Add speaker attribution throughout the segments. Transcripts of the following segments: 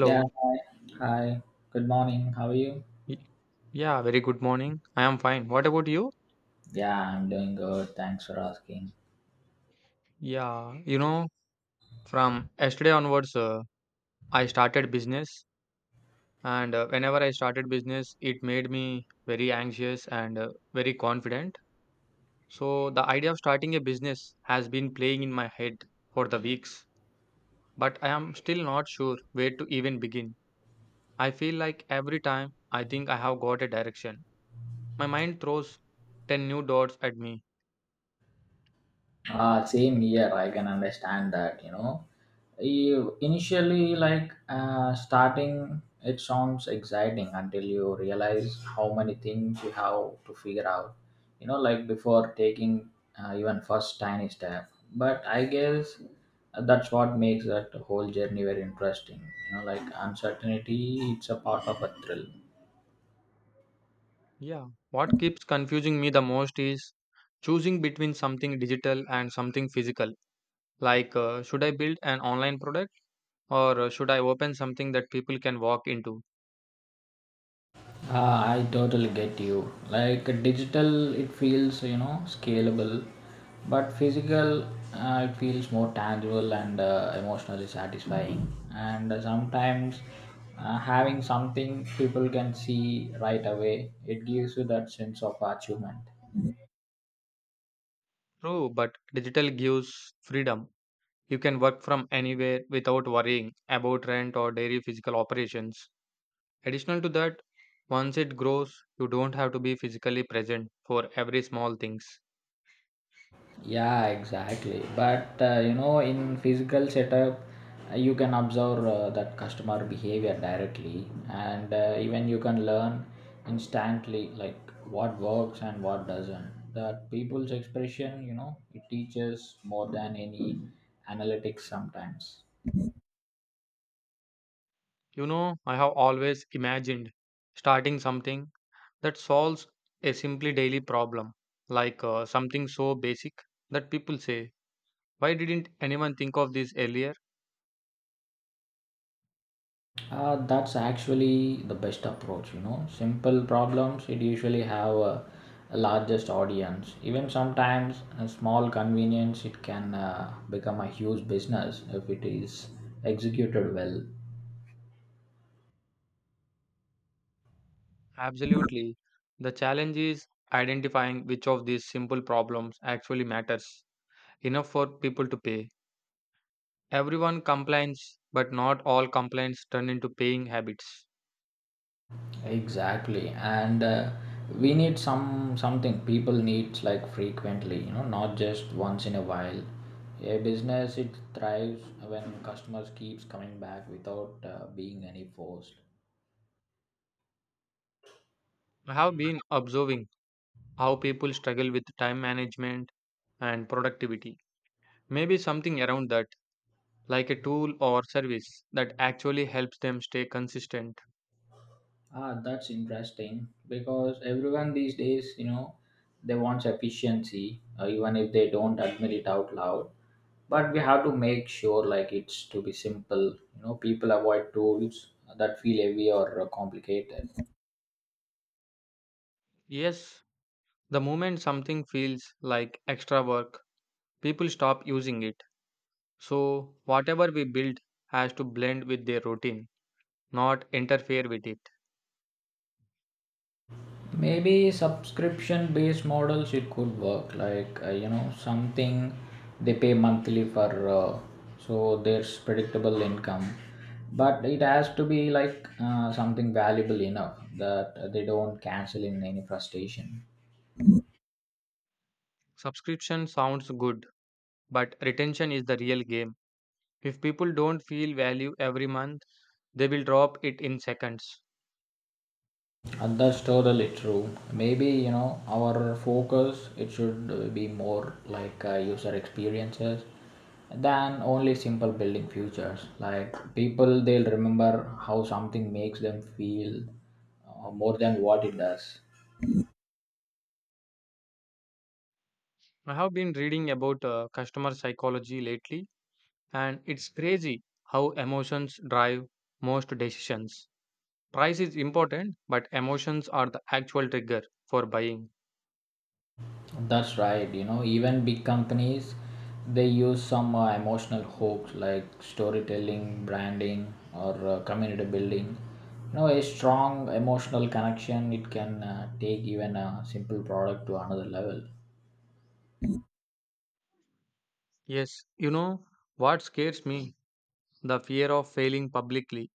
Speaker 1: Yeah, hi. Hi. Good morning. How are you?
Speaker 2: Y- Yeah, very good morning. I am fine. What about you?
Speaker 1: Yeah, I'm doing good. Thanks for asking.
Speaker 2: Yeah, you know, from yesterday onwards, I started business, and whenever I started business, it made me very anxious and very confident. So the idea of starting a business has been playing in my head for the weeks, but I am still not sure where to even begin. I feel like every time I think I have got a direction, my mind throws 10 new dots at me.
Speaker 1: Same here. I can understand that, you know. You initially like starting it sounds exciting until you realize how many things you have to figure out. You know, like before taking even first tiny step. But I guess that's what makes that whole journey very interesting. You know, like uncertainty, it's a part of a thrill.
Speaker 2: Yeah. What keeps confusing me the most is choosing between something digital and something physical. Like, should I build an online product or should I open something that people can walk into?
Speaker 1: Ah, I totally get you. Like digital, it feels you know scalable, but physical, it feels more tangible and emotionally satisfying. And sometimes, having something people can see right away, it gives you that sense of achievement.
Speaker 2: True, but digital gives freedom. You can work from anywhere without worrying about rent or daily physical operations. Additional to that, once it grows, you don't have to be physically present for every small things.
Speaker 1: Yeah, exactly. But you know, in physical setup, you can observe that customer behavior directly, and even you can learn instantly like what works and what doesn't. That people's expression, you know, it teaches more than any analytics sometimes.
Speaker 2: You know, I have always imagined starting something that solves a simply daily problem, like something so basic that people say, "Why didn't anyone think of this earlier?"
Speaker 1: That's actually the best approach, you know. Simple problems, it usually have a largest audience. Even sometimes a small convenience, it can become a huge business if it is executed well.
Speaker 2: Absolutely. The challenge is identifying which of these simple problems actually matters enough for people to pay. Everyone complains, but not all complaints turn into paying habits.
Speaker 1: Exactly, and we need something people needs like frequently, you know, not just once in a while. A business it thrives when customers keeps coming back without being any forced.
Speaker 2: I have been observing how people struggle with time management and productivity. Maybe something around that, like a tool or service that actually helps them stay consistent.
Speaker 1: Ah, that's interesting because everyone these days, you know, they want efficiency, even if they don't admit it out loud. But we have to make sure, like, it's to be simple. You know, people avoid tools that feel heavy or complicated.
Speaker 2: Yes, the moment something feels like extra work, people stop using it. So, whatever we build has to blend with their routine, not interfere with it.
Speaker 1: Maybe subscription based models it could work like you know something they pay monthly for, so there's predictable income, but it has to be like something valuable enough that they don't cancel in any frustration.
Speaker 2: Subscription sounds good, but retention is the real game. If people don't feel value every month, they will drop it in seconds.
Speaker 1: And that's totally true. Maybe, you know, our focus, it should be more like user experiences than only simple building features. Like people, they'll remember how something makes them feel more than what it does.
Speaker 2: I have been reading about customer psychology lately, and it's crazy how emotions drive most decisions. Price is important, but emotions are the actual trigger for buying.
Speaker 1: That's right. You know, even big companies, they use some emotional hooks like storytelling, branding, or community building. You know, a strong emotional connection it can take even a simple product to another level.
Speaker 2: Yes, you know what scares me? The fear of failing publicly.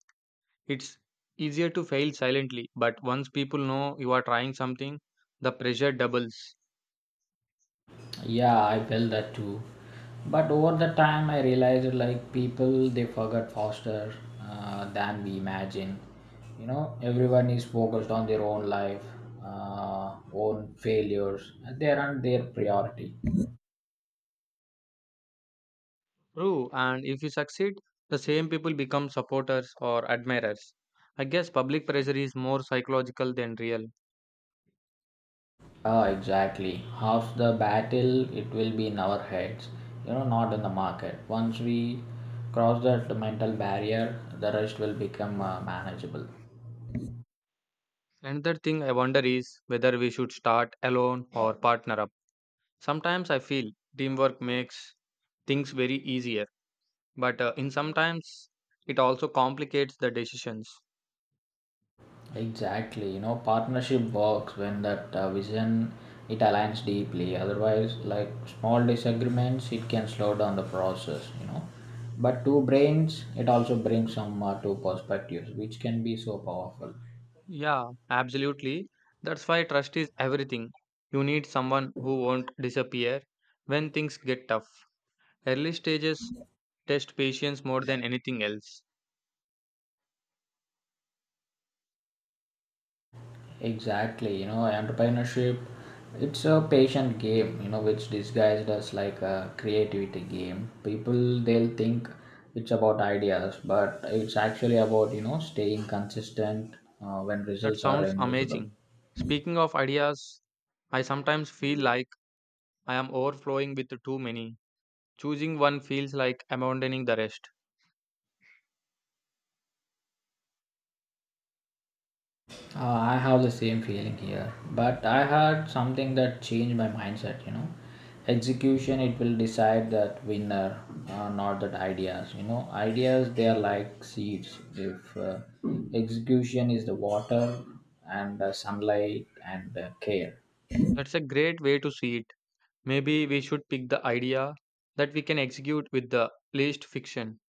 Speaker 2: It's easier to fail silently, but once people know you are trying something, the pressure doubles.
Speaker 1: Yeah, I felt that too. But over the time, I realized like people they forget faster than we imagine. You know, everyone is focused on their own life, own failures. They aren't their priority.
Speaker 2: True, and if you succeed, the same people become supporters or admirers. I guess public pressure is more psychological than real.
Speaker 1: Ah, exactly. Half the battle it will be in our heads. You know, not in the market. Once we cross that mental barrier, the rest will become manageable.
Speaker 2: Another thing I wonder is whether we should start alone or partner up. Sometimes I feel teamwork makes things very easier, but in sometimes it also complicates the decisions.
Speaker 1: Exactly, you know, partnership works when that vision it aligns deeply. Otherwise, like small disagreements, it can slow down the process, you know. But two brains, it also brings some two perspectives, which can be so powerful.
Speaker 2: Yeah, absolutely. That's why trust is everything. You need someone who won't disappear when things get tough. Early stages test patience more than anything else.
Speaker 1: Exactly, you know, entrepreneurship, it's a patient game, you know, which disguised as like a creativity game. People, they'll think it's about ideas, but it's actually about, you know, staying consistent when
Speaker 2: That
Speaker 1: results are
Speaker 2: sounds
Speaker 1: invisible.
Speaker 2: amazing. Speaking of ideas, I sometimes feel like I am overflowing with too many. Choosing one feels like abandoning the rest.
Speaker 1: I have the same feeling here, but I had something that changed my mindset. You know, execution it will decide that winner, not that ideas. You know, ideas they are like seeds. If execution is the water and the sunlight and the care.
Speaker 2: That's a great way to see it. Maybe we should pick the idea that we can execute with the least fiction,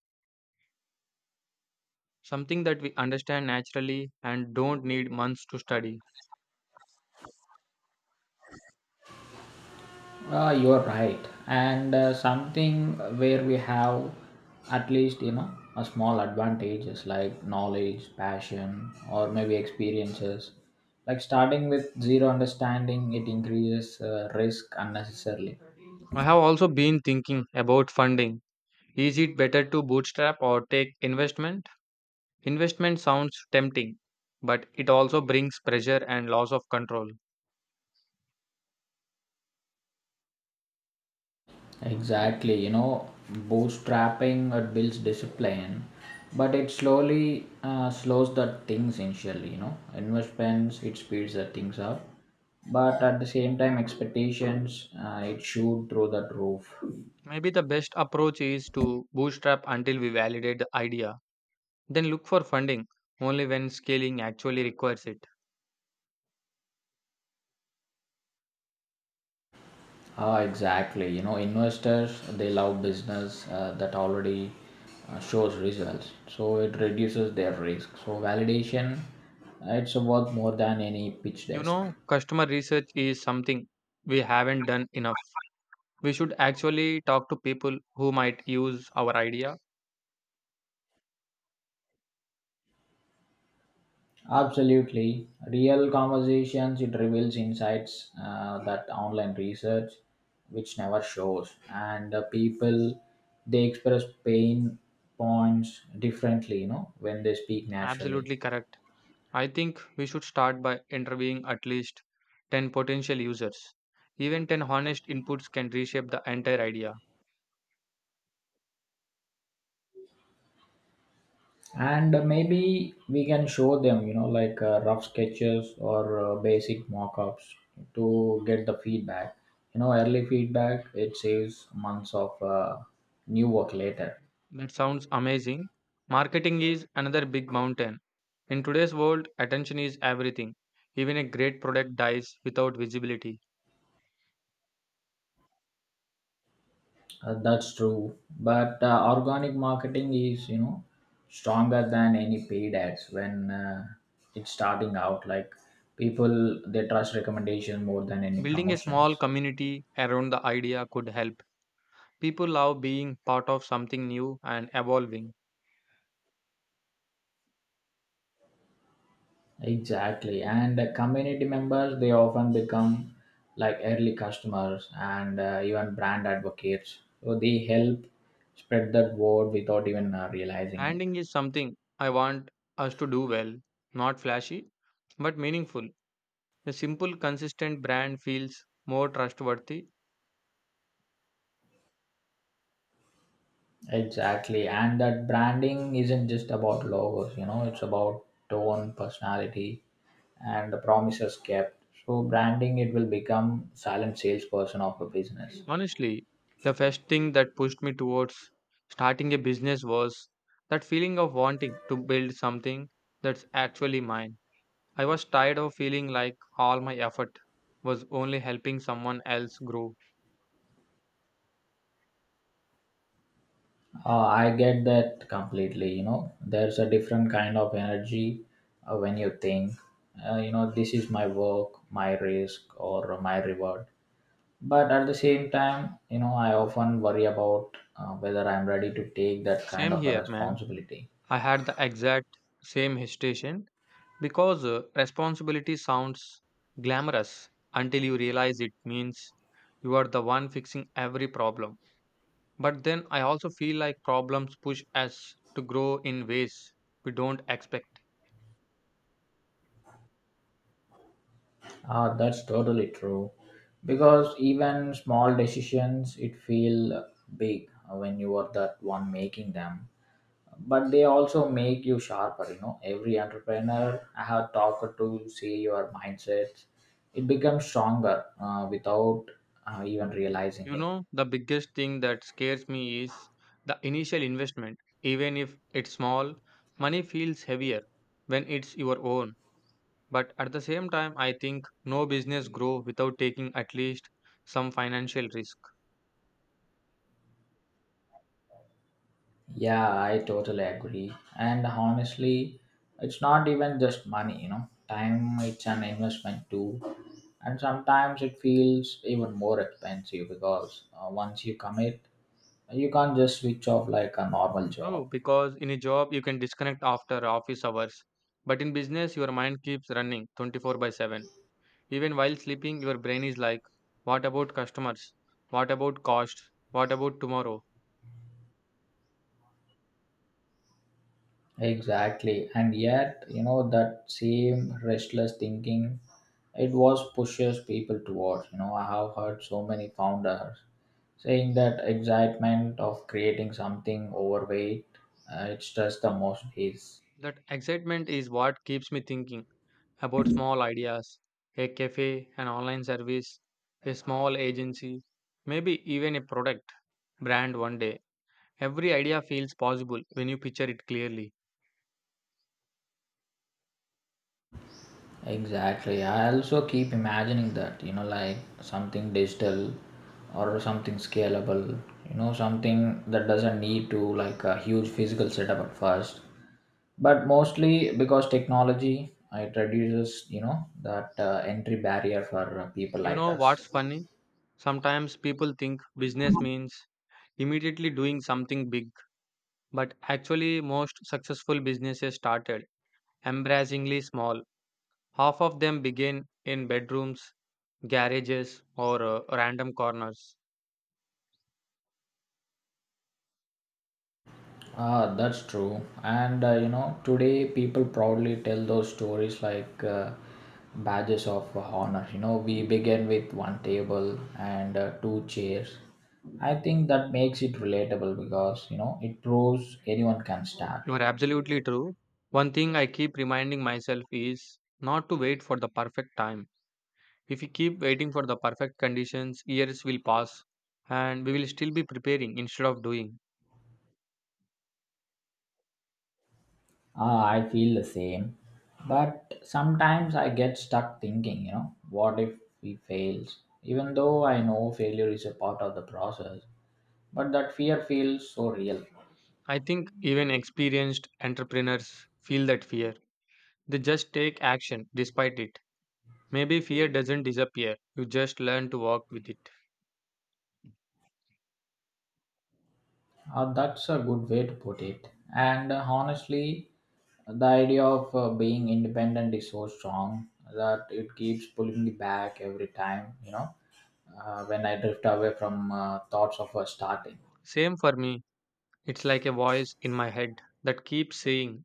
Speaker 2: something that we understand naturally and don't need months to study.
Speaker 1: You're right. And something where we have at least, you know, a small advantages like knowledge, passion, or maybe experiences. Like starting with zero understanding, it increases risk unnecessarily.
Speaker 2: I have also been thinking about funding. Is it better to bootstrap or take investment? Investment sounds tempting, but it also brings pressure and loss of control.
Speaker 1: Exactly, you know, bootstrapping it builds discipline, but it slowly slows the things initially. You know, investments it speeds the things up, but at the same time, expectations it shoot through that roof.
Speaker 2: Maybe the best approach is to bootstrap until we validate the idea, then look for funding only when scaling actually requires it.
Speaker 1: Ah, exactly. You know, investors they love business that already shows results, so it reduces their risk. So validation, it's worth more than any pitch
Speaker 2: You
Speaker 1: desk.
Speaker 2: know, customer research is something we haven't done enough. We should actually talk to people who might use our idea.
Speaker 1: Absolutely. Real conversations, it reveals insights that online research which never shows. And people, they express pain points differently, you know, when they speak naturally.
Speaker 2: Absolutely correct. I think we should start by interviewing at least 10 potential users. Even 10 honest inputs can reshape the entire idea.
Speaker 1: And maybe we can show them, you know, like rough sketches or basic mock ups to get the feedback. You know, early feedback, it saves months of new work later.
Speaker 2: That sounds amazing. Marketing is another big mountain. In today's world, attention is everything. Even a great product dies without visibility.
Speaker 1: That's true. But organic marketing is, you know, stronger than any paid ads when it's starting out. Like people, they trust recommendation more than any
Speaker 2: Building a small
Speaker 1: promotions.
Speaker 2: community around the idea could help. People love being part of something new and evolving.
Speaker 1: Exactly. And community members, they often become like early customers and even brand advocates. So they help spread that word without even realizing it.
Speaker 2: Branding is something I want us to do well, not flashy, but meaningful. A simple, consistent brand feels more trustworthy.
Speaker 1: Exactly. And that branding isn't just about logos, you know, it's about tone, personality, and the promises kept. So, branding, it will become silent salesperson of a business.
Speaker 2: Honestly, the first thing that pushed me towards starting a business was that feeling of wanting to build something that's actually mine. I was tired of feeling like all my effort was only helping someone else grow.
Speaker 1: I get that completely. You know, there's a different kind of energy when you think, you know, this is my work, my risk, or my reward. But at the same time, you know, I often worry about whether I'm ready to take that kind
Speaker 2: Same
Speaker 1: of a
Speaker 2: here, man.
Speaker 1: responsibility.
Speaker 2: I had the exact same hesitation because responsibility sounds glamorous until you realize it means you are the one fixing every problem. But then I also feel like problems push us to grow in ways we don't expect.
Speaker 1: Ah, that's totally true. Because even small decisions, it feel big when you are that one making them. But they also make you sharper. You know, every entrepreneur I have talked to see your mindsets. It becomes stronger without even realizing
Speaker 2: You
Speaker 1: it.
Speaker 2: know, the biggest thing that scares me is the initial investment. Even if it's small, money feels heavier when it's your own. But at the same time, I think no business grow without taking at least some financial risk.
Speaker 1: Yeah, I totally agree. And honestly, it's not even just money, you know. Time it's an investment too. And sometimes it feels even more expensive because once you commit, you can't just switch off like a normal
Speaker 2: True,
Speaker 1: job.
Speaker 2: because in a job you can disconnect after office hours, but in business your mind keeps running 24 by 7. Even while sleeping, your brain is like, what about customers? What about cost? What about tomorrow?
Speaker 1: Exactly. And yet, you know, that same restless thinking, it was pushes people towards. You know, I have heard so many founders saying that excitement of creating something overweight, it's just the most is.
Speaker 2: That excitement is what keeps me thinking about small ideas, a cafe, an online service, a small agency, maybe even a product brand one day. Every idea feels possible when you picture it clearly.
Speaker 1: Exactly. I also keep imagining that, you know, like something digital or something scalable, you know, something that doesn't need to like a huge physical setup at first, but mostly because technology it reduces you know that entry barrier for people
Speaker 2: You
Speaker 1: like
Speaker 2: know
Speaker 1: us.
Speaker 2: what's funny? Sometimes people think business means immediately doing something big, but actually, most successful businesses started embarrassingly small. Half of them begin in bedrooms, garages, or random corners.
Speaker 1: Ah, that's true. And you know today people proudly tell those stories like badges of honor. You know, we begin with one table and two chairs. I think that makes it relatable because you know it proves anyone can start.
Speaker 2: You are absolutely true. One thing I keep reminding myself is not to wait for the perfect time. If we keep waiting for the perfect conditions, years will pass and we will still be preparing instead of doing.
Speaker 1: Ah, I feel the same. But sometimes I get stuck thinking, you know, what if we fails? Even though I know failure is a part of the process, but that fear feels so real.
Speaker 2: I think even experienced entrepreneurs feel that fear. They just take action despite it. Maybe fear doesn't disappear, you just learn to walk with it.
Speaker 1: That's a good way to put it. And honestly, the idea of being independent is so strong that it keeps pulling me back every time, you know, when I drift away from thoughts of starting.
Speaker 2: Same for me, it's like a voice in my head that keeps saying,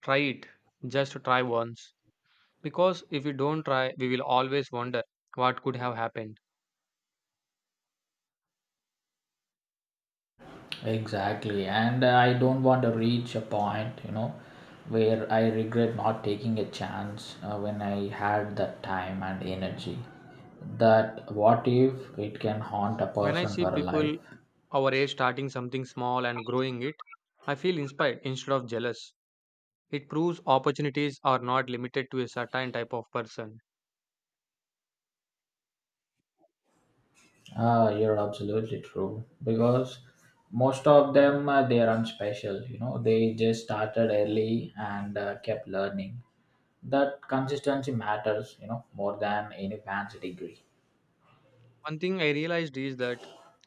Speaker 2: try it, just try once. Because if we don't try, we will always wonder what could have happened.
Speaker 1: Exactly, and I don't want to reach a point, you know, where I regret not taking a chance when I had that time and energy. That what if it can haunt a
Speaker 2: When I
Speaker 1: person
Speaker 2: see
Speaker 1: for a life?
Speaker 2: people our age starting something small and growing it, I feel inspired instead of jealous. It proves opportunities are not limited to a certain type of person.
Speaker 1: Ah, you're absolutely true. Because most of them they are unspecial. You know, they just started early and kept learning. That consistency matters. You know, more than any fancy degree.
Speaker 2: One thing I realized is that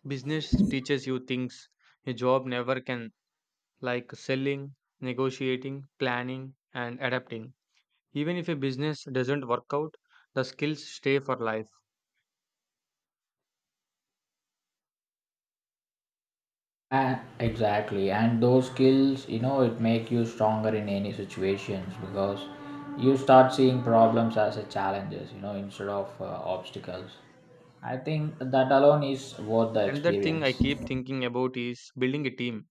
Speaker 2: business teaches you things a job never can, like selling, negotiating, planning, and adapting. Even if a business doesn't work out, the skills stay for life.
Speaker 1: And exactly, and those skills, you know, it make you stronger in any situations because you start seeing problems as a challenges, you know, instead of obstacles. I think that alone is worth the
Speaker 2: Another thing I
Speaker 1: experience.
Speaker 2: keep thinking about is building a team.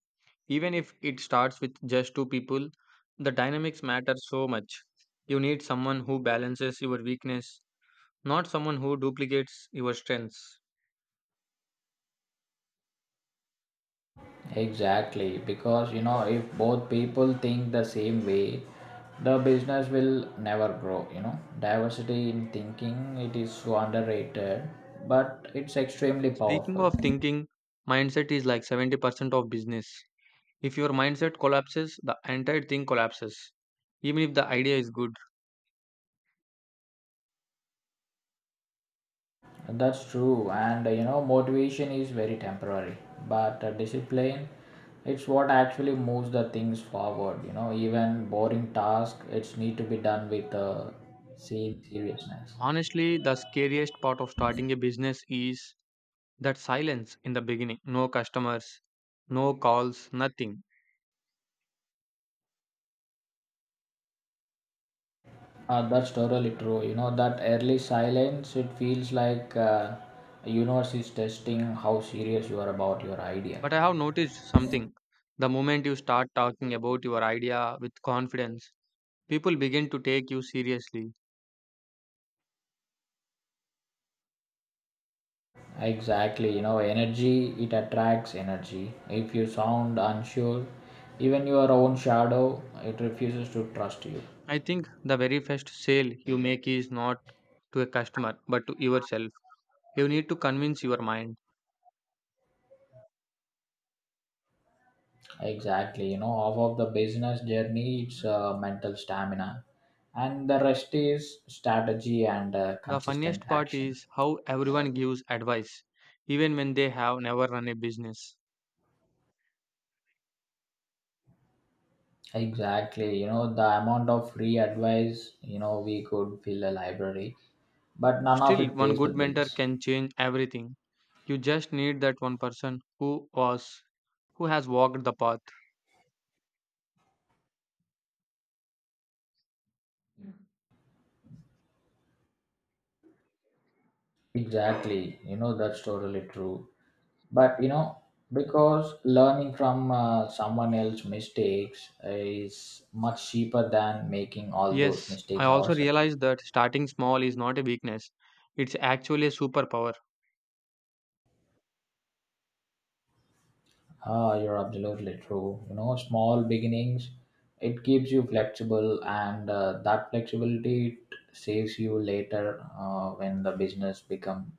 Speaker 2: Even if it starts with just two people, the dynamics matter so much. You need someone who balances your weakness, not someone who duplicates your strengths.
Speaker 1: Exactly, because you know, if both people think the same way, the business will never grow. You know, diversity in thinking it is so underrated, but it's extremely
Speaker 2: Speaking
Speaker 1: powerful.
Speaker 2: of thinking, mindset is like 70% of business. If your mindset collapses, the entire thing collapses, even if the idea is good.
Speaker 1: That's true, and you know, motivation is very temporary, but discipline it's what actually moves the things forward. You know, even boring task, it's need to be done with same seriousness.
Speaker 2: Honestly, the scariest part of starting a business is that silence in the beginning, no customers, no calls, nothing.
Speaker 1: That's totally true. You know, that early silence, it feels like universe is testing how serious you are about your idea.
Speaker 2: But I have noticed something. The moment you start talking about your idea with confidence, people begin to take you seriously.
Speaker 1: Exactly, you know, energy it attracts energy. If you sound unsure, even your own shadow it refuses to trust you.
Speaker 2: I think the very first sale you make is not to a customer but to yourself. You need to convince your mind.
Speaker 1: Exactly, you know, half of the business journey it's mental stamina, and the rest is strategy and
Speaker 2: The
Speaker 1: consistent
Speaker 2: funniest part
Speaker 1: action.
Speaker 2: is how everyone gives advice, even when they have never run a business.
Speaker 1: Exactly, you know, the amount of free advice you know we could fill a library, but none of
Speaker 2: Still,
Speaker 1: it
Speaker 2: one
Speaker 1: pays the
Speaker 2: good mentor
Speaker 1: bills.
Speaker 2: can change everything. You just need that one person who has walked the path.
Speaker 1: Exactly, you know, that's totally true. But you know, because learning from someone else's mistakes is much cheaper than making all those
Speaker 2: Yes, I
Speaker 1: mistakes
Speaker 2: also
Speaker 1: ourselves.
Speaker 2: realized that starting small is not a weakness. It's actually a superpower.
Speaker 1: Ah, you're absolutely true. You know small beginnings it keeps you flexible and that flexibility it saves you later when the business become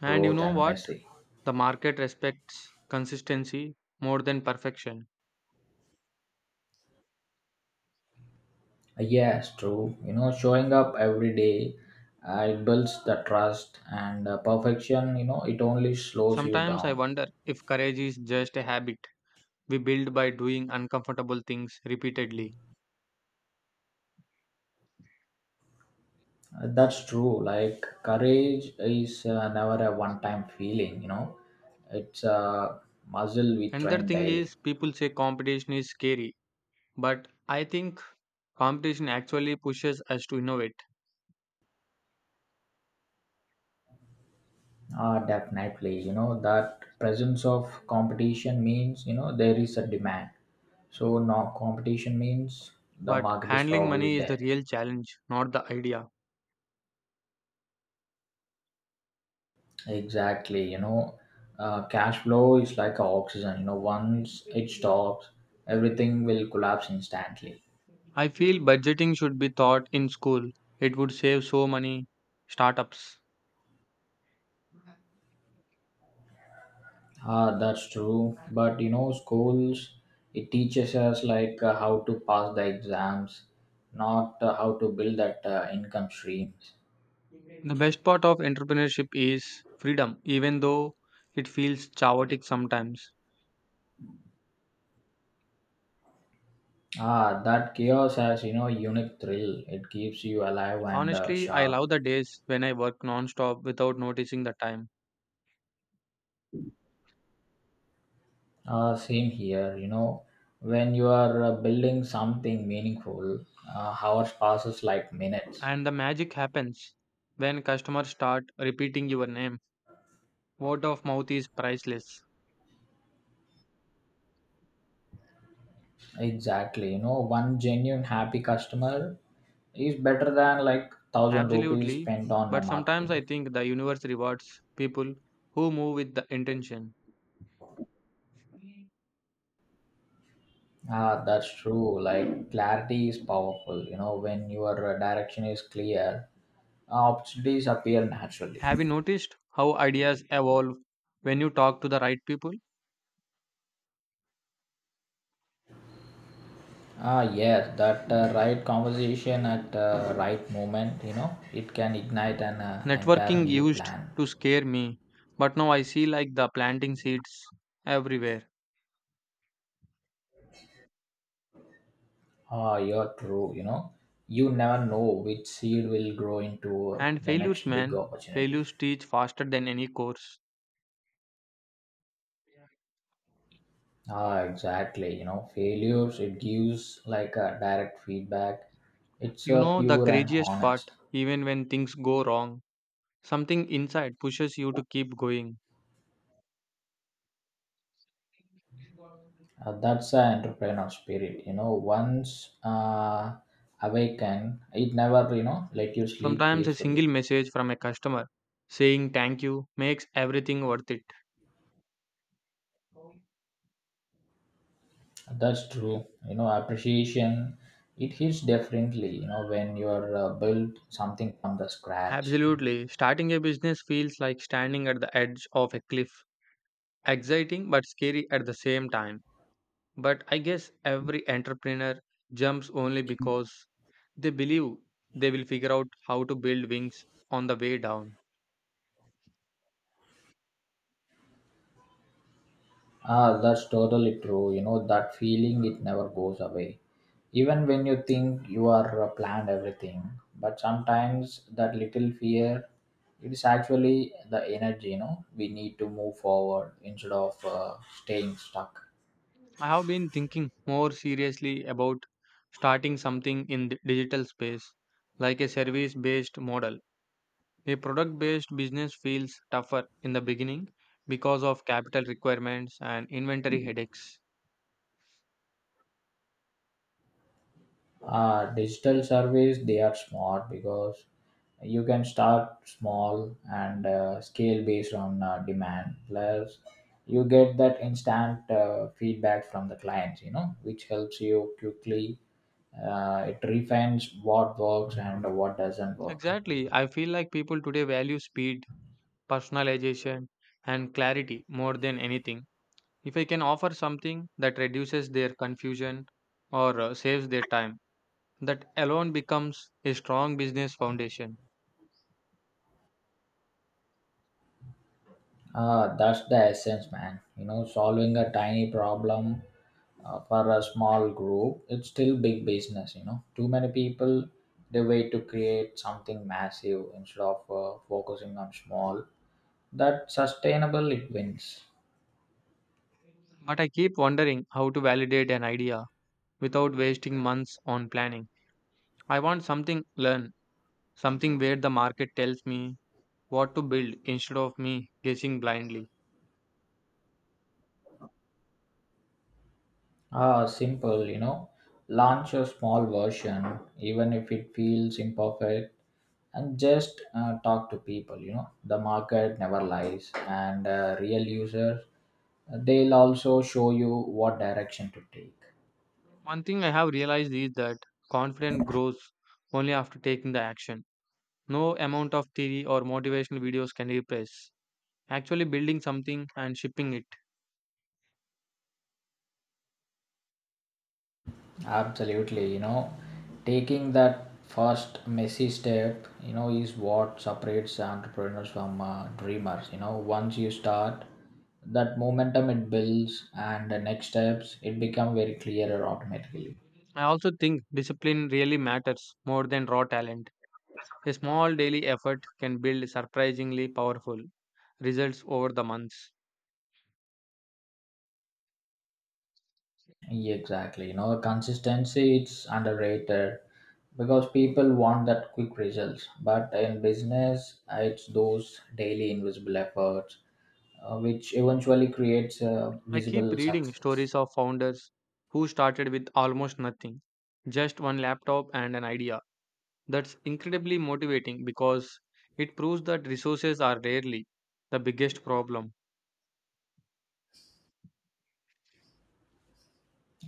Speaker 2: And you
Speaker 1: growth
Speaker 2: know
Speaker 1: and
Speaker 2: what?
Speaker 1: messy.
Speaker 2: The market respects consistency more than perfection.
Speaker 1: Yes true. You know showing up every day it builds the trust and perfection you know it only slows you
Speaker 2: Sometimes I
Speaker 1: down.
Speaker 2: wonder if courage is just a habit we build by doing uncomfortable things repeatedly.
Speaker 1: That's true. Like courage is never a one-time feeling, you know. It's a muscle we
Speaker 2: Another
Speaker 1: train
Speaker 2: thing
Speaker 1: daily.
Speaker 2: is people say competition is scary, but I think competition actually pushes us to innovate.
Speaker 1: Ah, definitely. You know that presence of competition means you know there is a demand. So no competition means the
Speaker 2: But
Speaker 1: market is
Speaker 2: handling
Speaker 1: probably
Speaker 2: money is the
Speaker 1: dead.
Speaker 2: real challenge, not the idea.
Speaker 1: Exactly. You know, cash flow is like a oxygen. You know, once it stops, everything will collapse instantly.
Speaker 2: I feel budgeting should be taught in school. It would save so many startups.
Speaker 1: Ah, that's true. But you know, schools it teaches us like how to pass the exams, not how to build that income streams.
Speaker 2: The best part of entrepreneurship is freedom, even though it feels chaotic sometimes.
Speaker 1: Ah, that chaos has you know unique thrill. It keeps you alive and
Speaker 2: Honestly, I
Speaker 1: sharp.
Speaker 2: love the days when I work non-stop without noticing the time.
Speaker 1: Same here. You know, when you are building something meaningful, hours passes like minutes.
Speaker 2: And the magic happens when customers start repeating your name. Word of mouth is priceless.
Speaker 1: Exactly. You know, one genuine happy customer is better than like thousand rupees
Speaker 2: Absolutely.
Speaker 1: spent on
Speaker 2: But sometimes
Speaker 1: marketing.
Speaker 2: I think the universe rewards people who move with the intention.
Speaker 1: Ah, that's true. Like clarity is powerful. You know, when your direction is clear, opportunities appear naturally.
Speaker 2: Have you noticed how ideas evolve when you talk to the right people?
Speaker 1: Ah, yes, that right conversation at right moment. You know, it can ignite an entire
Speaker 2: Networking
Speaker 1: new
Speaker 2: used
Speaker 1: plan.
Speaker 2: to scare me, but now I see like the planting seeds everywhere.
Speaker 1: Ah, you're true. You know, you never know which seed will grow into
Speaker 2: And
Speaker 1: the
Speaker 2: failures,
Speaker 1: next big
Speaker 2: man,
Speaker 1: opportunity.
Speaker 2: failures teach faster than any course.
Speaker 1: Ah, exactly. You know, failures it gives like a direct feedback. It's
Speaker 2: You know the
Speaker 1: pure and
Speaker 2: craziest part,
Speaker 1: honest.
Speaker 2: even when things go wrong, something inside pushes you to keep going.
Speaker 1: That's the entrepreneur spirit. You know, once awakened, it never you know let you sleep
Speaker 2: Sometimes a single
Speaker 1: peacefully.
Speaker 2: message from a customer saying thank you makes everything worth it.
Speaker 1: That's true. You know, appreciation it hits differently. You know, when you're build something from the scratch.
Speaker 2: Absolutely, starting a business feels like standing at the edge of a cliff, exciting but scary at the same time. But I guess every entrepreneur jumps only because they believe they will figure out how to build wings on the way down.
Speaker 1: Ah, that's totally true. You know, that feeling, it never goes away. Even when you think you are planned everything, but sometimes that little fear, it is actually the energy, you know, we need to move forward instead of staying stuck.
Speaker 2: I have been thinking more seriously about starting something in the digital space, like a service based model. A product based business feels tougher in the beginning because of capital requirements and inventory headaches.
Speaker 1: Digital surveys they are smart because you can start small and scale based on demand plus you get that instant feedback from the clients you know which helps you quickly it refines what works and what doesn't work.
Speaker 2: Exactly. I feel like people today value speed, personalization, and clarity more than anything. If I can offer something that reduces their confusion or saves their time, that alone becomes a strong business foundation.
Speaker 1: Ah, that's the essence, man. You know, solving a tiny problem for a small group, it's still big business. You know, too many people they wait to create something massive instead of focusing on small. That sustainable it wins.
Speaker 2: But I keep wondering how to validate an idea without wasting months on planning. I want something learn, something where the market tells me what to build instead of me guessing blindly.
Speaker 1: Ah, simple. You know, launch a small version, even if it feels imperfect, and just talk to people you know the market never lies and real users they'll also show you what direction to take.
Speaker 2: One thing I have realized is that confidence grows only after taking the action. No amount of theory or motivational videos can replace. Actually, building something and shipping it.
Speaker 1: Absolutely, you know taking that first messy step you know is what separates entrepreneurs from dreamers you know once you start that momentum it builds and the next steps it become very clearer automatically.
Speaker 2: I also think discipline really matters more than raw talent. A small daily effort can build surprisingly powerful results over the months.
Speaker 1: Yeah, exactly. You know, consistency it's underrated because people want that quick results. But in business, it's those daily invisible efforts which eventually creates a
Speaker 2: I keep
Speaker 1: visible
Speaker 2: reading
Speaker 1: success.
Speaker 2: stories of founders who started with almost nothing, just one laptop and an idea. That's incredibly motivating because it proves that resources are rarely the biggest problem.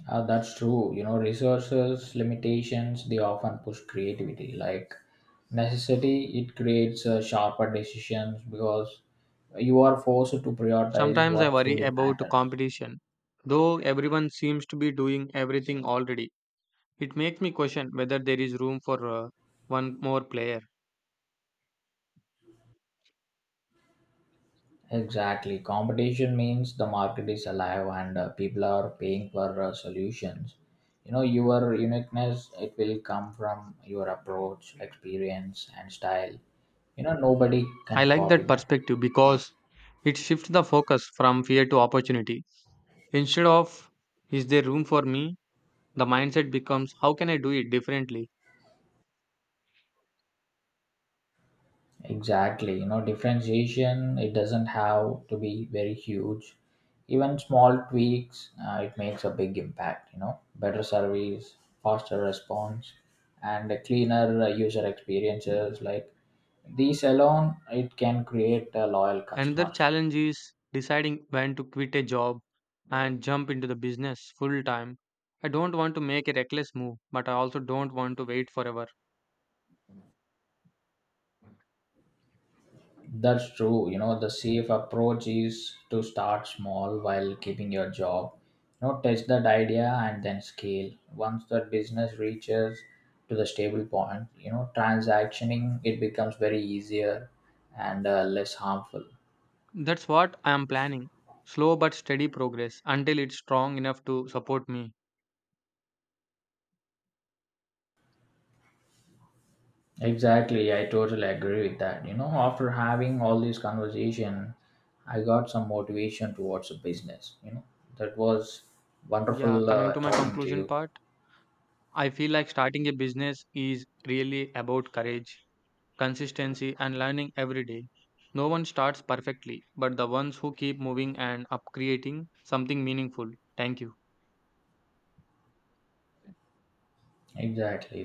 Speaker 1: That's true. You know, resources limitations they often push creativity. Like necessity, it creates sharper decisions because you are forced to prioritize
Speaker 2: Sometimes I
Speaker 1: what
Speaker 2: worry
Speaker 1: truly
Speaker 2: about
Speaker 1: matters.
Speaker 2: competition. Though everyone seems to be doing everything already, it makes me question whether there is room for one more player.
Speaker 1: Exactly. Competition means the market is alive and people are paying for solutions. You know, your uniqueness, it will come from your approach, experience, and style. You know, nobody
Speaker 2: I
Speaker 1: can
Speaker 2: like
Speaker 1: copy
Speaker 2: that
Speaker 1: that.
Speaker 2: perspective because it shifts the focus from fear to opportunity. Instead of is there room for me, the mindset becomes how can I do it differently?
Speaker 1: Exactly. You know, differentiation, it doesn't have to be very huge. Even small tweaks, it makes a big impact. You know, better service, faster response, and a cleaner user experiences. Like these alone, it can create loyal
Speaker 2: Another
Speaker 1: customers.
Speaker 2: challenge is deciding when to quit a job and jump into the business full time. I don't want to make a reckless move, but I also don't want to wait forever.
Speaker 1: That's true. You know, the safe approach is to start small while keeping your job. You know, test that idea and then scale. Once that business reaches to the stable point, you know, transactioning it becomes very easier and less harmful.
Speaker 2: That's what I am planning. Slow but steady progress until it's strong enough to support me.
Speaker 1: Exactly, I totally agree with that. You know, after having all this conversation, I got some motivation towards the business. You know, that was
Speaker 2: Yeah,
Speaker 1: wonderful
Speaker 2: coming to my
Speaker 1: talking to
Speaker 2: conclusion
Speaker 1: you.
Speaker 2: part, I feel like starting a business is really about courage, consistency, and learning every day. No one starts perfectly, but the ones who keep moving and up creating something meaningful. Thank you.
Speaker 1: Exactly.